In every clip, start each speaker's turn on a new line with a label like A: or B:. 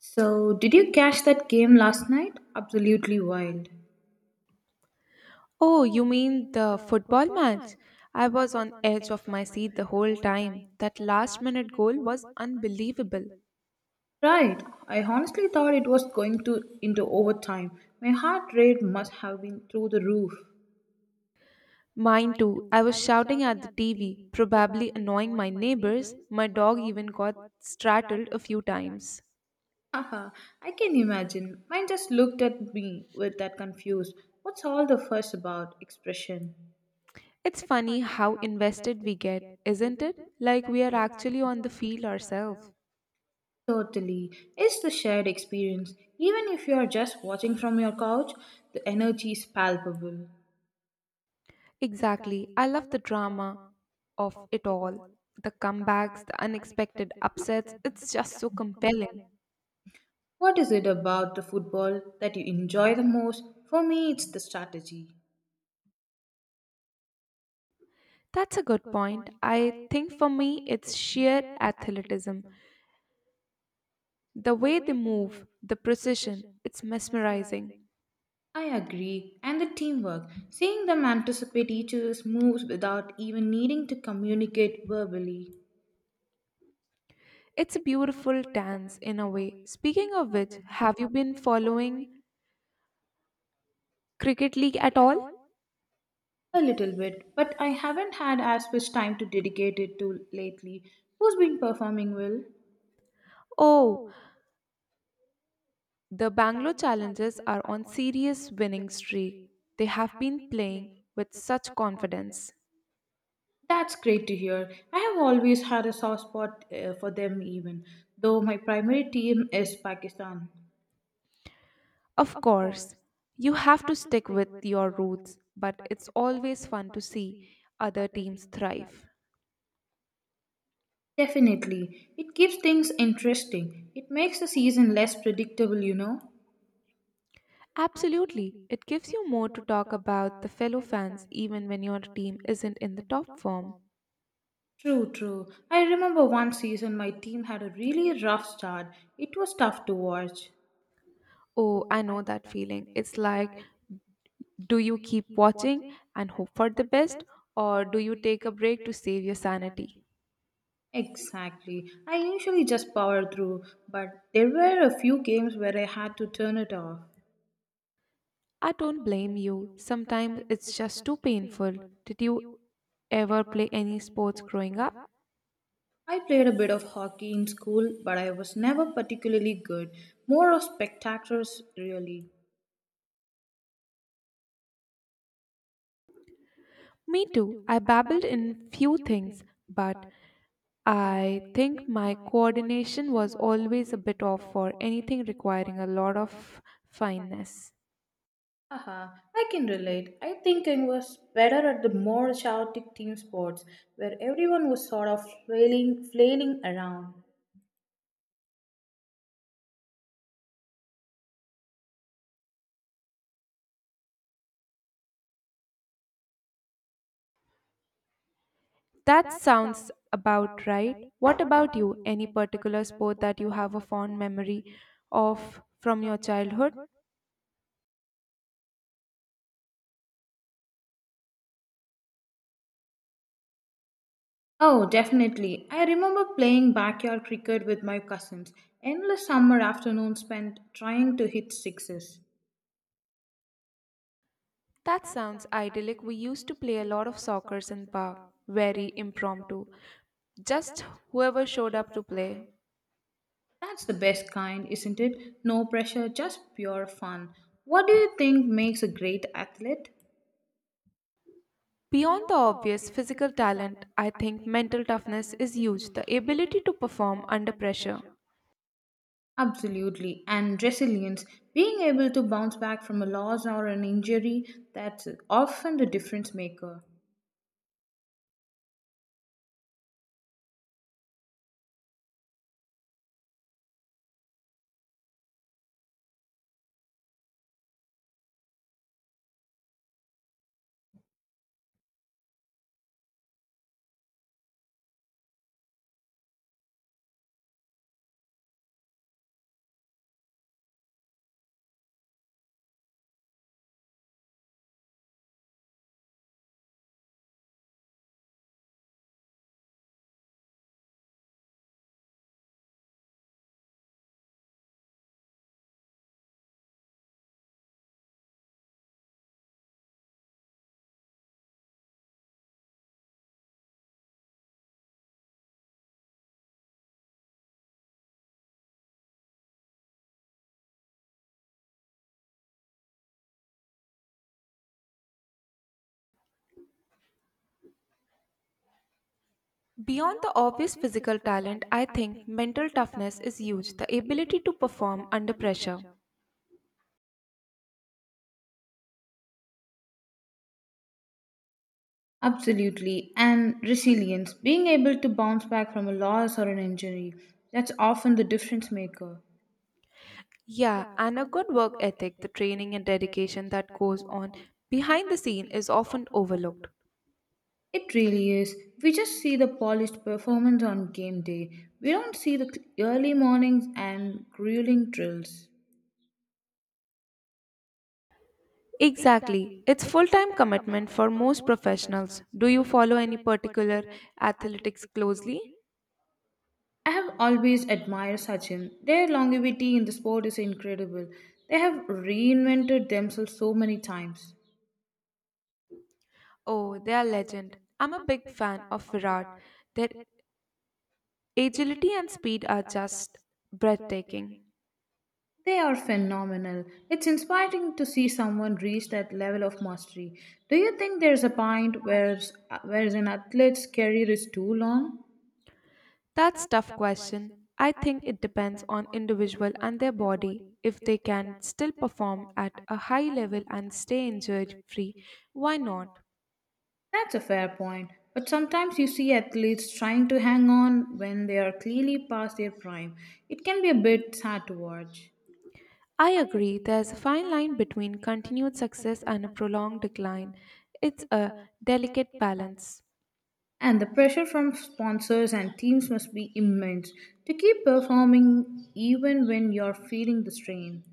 A: So, did you catch that game last night? Absolutely wild.
B: Oh, you mean the football match? I was on edge of my seat the whole time. That last minute goal was unbelievable.
A: Right. I honestly thought it was going to into overtime. My heart rate must have been through the roof.
B: Mine too. I was shouting at the TV, probably annoying my neighbors. My dog even got straddled a few times.
A: Haha, I can imagine. Mine just looked at me with that confused, what's all the fuss about expression?
B: It's funny how invested we get, isn't it? Like we are actually on the field ourselves.
A: Totally. It's the shared experience. Even if you are just watching from your couch, the energy is palpable.
B: Exactly. I love the drama of it all. The comebacks, the unexpected upsets. It's just so compelling.
A: What is it about the football that you enjoy the most? For me, it's the strategy.
B: That's a good point. I think for me, it's sheer athleticism. The way they move, the precision, it's mesmerizing.
A: I agree. And the teamwork. Seeing them anticipate each other's moves without even needing to communicate verbally.
B: It's a beautiful dance in a way. Speaking of which, have you been following Cricket League at all?
A: A little bit, but I haven't had as much time to dedicate it to lately. Who's been performing well?
B: Oh, the Bangalore Challengers are on serious winning streak. They have been playing with such confidence.
A: That's great to hear. I have always had a soft spot for them, even though my primary team is Pakistan.
B: Of course, you have to stick with your roots, but it's always fun to see other teams thrive.
A: Definitely. It keeps things interesting. It makes the season less predictable, you know.
B: Absolutely. It gives you more to talk about the fellow fans even when your team isn't in the top form.
A: True, true. I remember one season my team had a really rough start. It was tough to watch.
B: Oh, I know that feeling. It's like, do you keep watching and hope for the best, or do you take a break to save your sanity?
A: Exactly. I usually just power through, but there were a few games where I had to turn it off.
B: I don't blame you. Sometimes it's just too painful. Did you ever play any sports growing up?
A: I played a bit of hockey in school, but I was never particularly good. More of spectators, really.
B: Me too. I babbled in few things, but I think my coordination was always a bit off for anything requiring a lot of fineness.
A: Haha, I can relate. I think I was better at the more chaotic team sports, where everyone was sort of flailing around.
B: That sounds about right. What about you? Any particular sport that you have a fond memory of from your childhood?
A: Oh, definitely. I remember playing backyard cricket with my cousins. Endless summer afternoons spent trying to hit sixes.
B: That sounds idyllic. We used to play a lot of soccer in park, very impromptu just whoever showed up to play.
A: That's the best kind, isn't it? No pressure, just pure fun. What do you think makes a great athlete?
B: Beyond the obvious physical talent, I think mental toughness is huge, the ability to perform under pressure.
A: Absolutely. And resilience. Being able to bounce back from a loss or an injury, that's often the difference maker.
B: Beyond the obvious physical talent, I think mental toughness is huge, the ability to perform under pressure.
A: Absolutely. And resilience. Being able to bounce back from a loss or an injury, that's often the difference maker.
B: Yeah, and a good work ethic, the training and dedication that goes on behind the scene is often overlooked.
A: It really is. We just see the polished performance on game day. We don't see the early mornings and grueling drills.
B: Exactly. It's full time commitment for most professionals. Do you follow any particular athletics closely?
A: I have always admired Sachin. Their longevity in the sport is incredible. They have reinvented themselves so many times.
B: Oh, they are legend. I'm a big fan of Virat. Their agility and speed are just breathtaking.
A: They are phenomenal. It's inspiring to see someone reach that level of mastery. Do you think there's a point where an athlete's career is too long?
B: That's tough question. I think it depends on individual and their body. If they can still perform at a high level and stay injury free, why not?
A: That's a fair point. But sometimes you see athletes trying to hang on when they are clearly past their prime. It can be a bit sad to watch.
B: I agree there's a fine line between continued success and a prolonged decline. It's a delicate balance.
A: And the pressure from sponsors and teams must be immense to keep performing even when you're feeling the strain.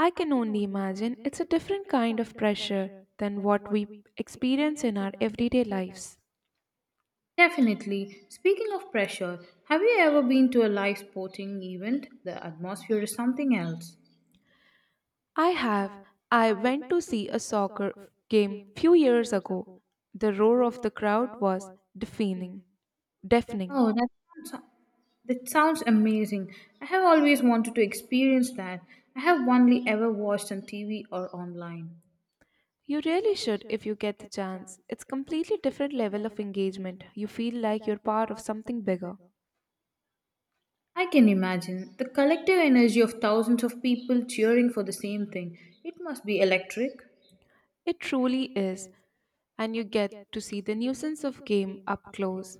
B: I can only imagine it's a different kind of pressure than what we experience in our everyday lives.
A: Definitely. Speaking of pressure, have you ever been to a live sporting event? The atmosphere is something else.
B: I have. I went to see a soccer game few years ago. The roar of the crowd was deafening. Deafening.
A: Oh, sounds, that sounds amazing. I have always wanted to experience that. I have only ever watched on TV or online.
B: You really should if you get the chance. It's completely different level of engagement. You feel like you're part of something bigger.
A: I can imagine the collective energy of thousands of people cheering for the same thing. It must be electric.
B: It truly is, and you get to see the nuisance of game up close,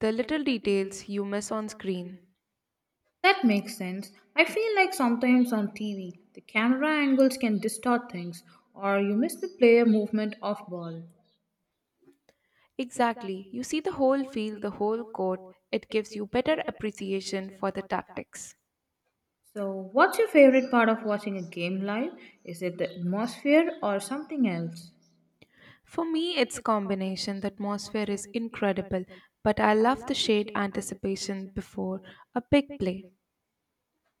B: the little details you miss on screen.
A: That makes sense. I feel like sometimes on TV, the camera angles can distort things or you miss the player movement off ball.
B: Exactly. You see the whole field, the whole court. It gives you better appreciation for the tactics.
A: So, what's your favorite part of watching a game live? Is it the atmosphere or something else?
B: For me, it's combination. The atmosphere is incredible, but I love the shade anticipation before a big play.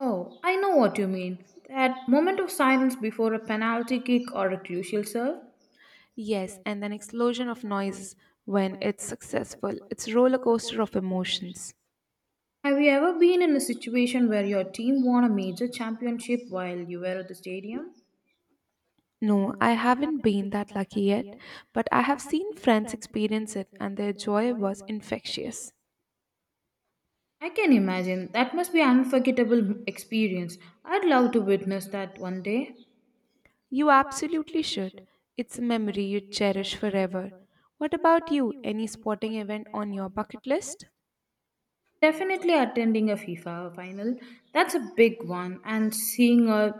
A: Oh, I know what you mean. That moment of silence before a penalty kick or a crucial serve.
B: Yes, and an explosion of noise when it's successful. It's roller coaster of emotions.
A: Have you ever been in a situation where your team won a major championship while you were at the stadium?
B: No, I haven't been that lucky yet, but I have seen friends experience it and their joy was infectious.
A: I can imagine. That must be an unforgettable experience. I'd love to witness that one day.
B: You absolutely should. It's a memory you cherish forever. What about you? Any sporting event on your bucket list?
A: Definitely attending a FIFA final. That's a big one. And seeing a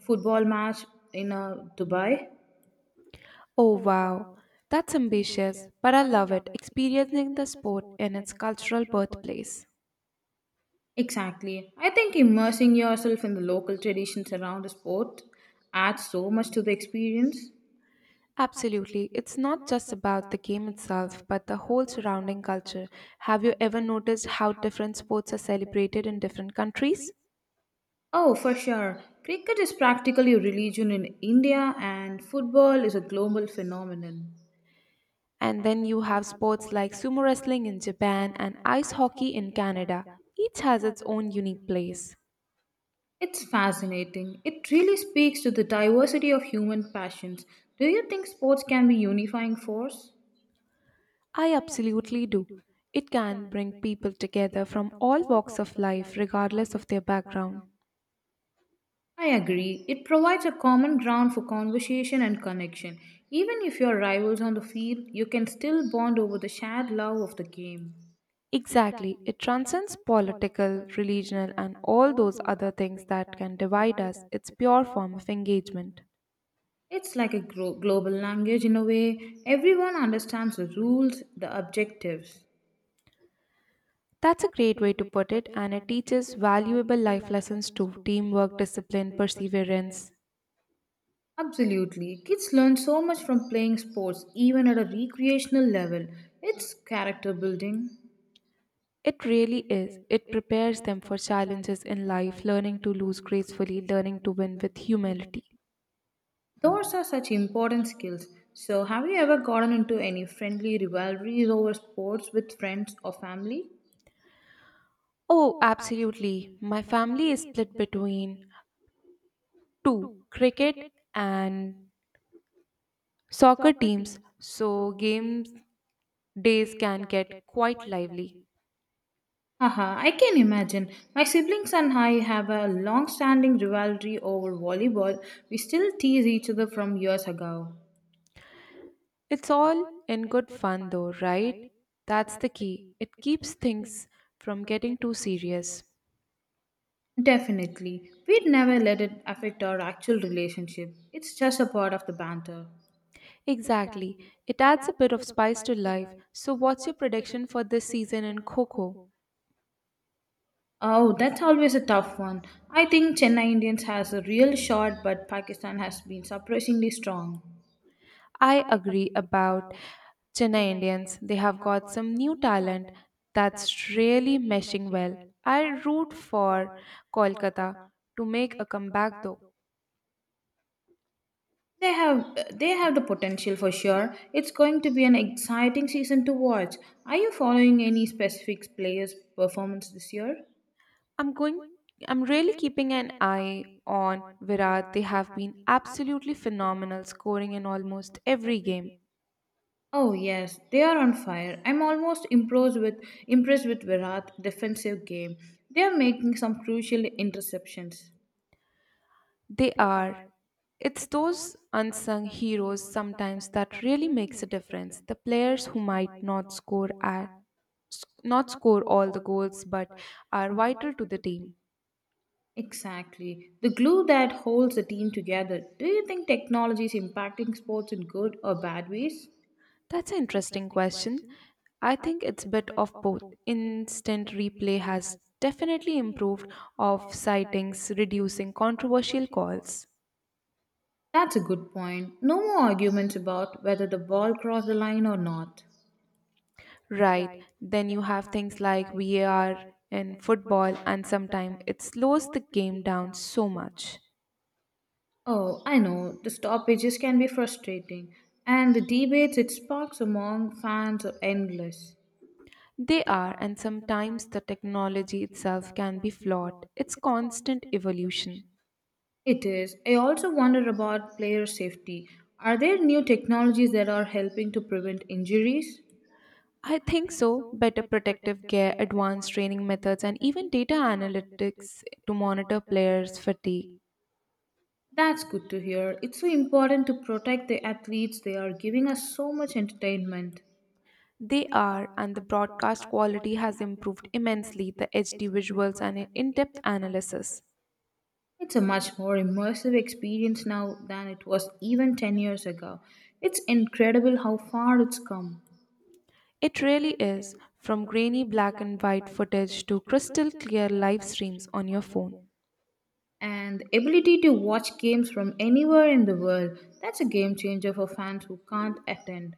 A: football match in Dubai.
B: Oh wow, that's ambitious, but I love it, experiencing the sport in its cultural birthplace.
A: Exactly. I think immersing yourself in the local traditions around the sport adds so much to the experience.
B: Absolutely, it's not just about the game itself, but the whole surrounding culture. Have you ever noticed how different sports are celebrated in different countries?
A: Oh, for sure. Cricket is practically a religion in India, and football is a global phenomenon.
B: And then you have sports like sumo wrestling in Japan and ice hockey in Canada. Each has its own unique place.
A: It's fascinating. It really speaks to the diversity of human passions. Do you think sports can be unifying force?
B: I absolutely do. It can bring people together from all walks of life, regardless of their background.
A: I agree. It provides a common ground for conversation and connection. Even if you're rivals on the field, you can still bond over the shared love of the game.
B: Exactly. It transcends political, religional, and all those other things that can divide us. It's pure form of engagement.
A: It's like a global language in a way. Everyone understands the rules, the objectives.
B: That's a great way to put it, and it teaches valuable life lessons to teamwork, discipline, perseverance.
A: Absolutely. Kids learn so much from playing sports, even at a recreational level. It's character building.
B: It really is. It prepares them for challenges in life, learning to lose gracefully, learning to win with humility.
A: Those are such important skills. So, have you ever gotten into any friendly rivalries over sports with friends or family?
B: Oh, absolutely. My family is split between two cricket and soccer teams. So, games Days can get quite lively.
A: Haha, I can imagine. My siblings and I have a long standing rivalry over volleyball. We still tease each other from years ago.
B: It's all in good fun, though, right? That's the key. It keeps things from getting too serious.
A: Definitely. We'd never let it affect our actual relationship. It's just a part of the banter.
B: Exactly. It adds a bit of spice to life. So, what's your prediction for this season in Coco?
A: Oh, that's always a tough one. I think Chennai Indians has a real shot, but Pakistan has been surprisingly strong.
B: I agree about Chennai Indians. They have got some new talent that's really meshing well. I root for Kolkata to make a comeback, though.
A: They have they have the potential for sure. It's going to be an exciting season to watch. Are you following any specific players' performance this year?
B: I'm going, I'm really keeping an eye on Virat. They have been absolutely phenomenal, scoring in almost every game.
A: Oh yes, they are on fire. I'm almost impressed with Virat's defensive game. They are making some crucial interceptions.
B: They are. It's those unsung heroes sometimes that really makes a difference. The players who might not score all the goals, but are vital to the team.
A: Exactly. The glue that holds the team together. Do you think technology is impacting sports in good or bad ways?
B: That's an interesting question. I think it's a bit of both. Instant replay has definitely improved off sightings, reducing controversial calls.
A: That's a good point. No more arguments about whether the ball crossed the line or not.
B: Right, then you have things like VAR in football, and sometimes it slows the game down so much.
A: Oh, I know, the stoppages can be frustrating, and the debates it sparks among fans are endless.
B: They are, and sometimes the technology itself can be flawed. It's constant evolution.
A: It is. I also wonder about player safety. Are there new technologies that are helping to prevent injuries?
B: I think so. Better protective gear, advanced training methods, and even data analytics to monitor players' fatigue.
A: That's good to hear. It's so important to protect the athletes. They are giving us so much entertainment.
B: They are, and the broadcast quality has improved immensely the HD visuals and in depth analysis.
A: It's a much more immersive experience now than it was even 10 years ago. It's incredible how far it's come.
B: It really is, from grainy black and white footage to crystal clear live streams on your phone.
A: And the ability to watch games from anywhere in the world, that's a game changer for fans who can't attend.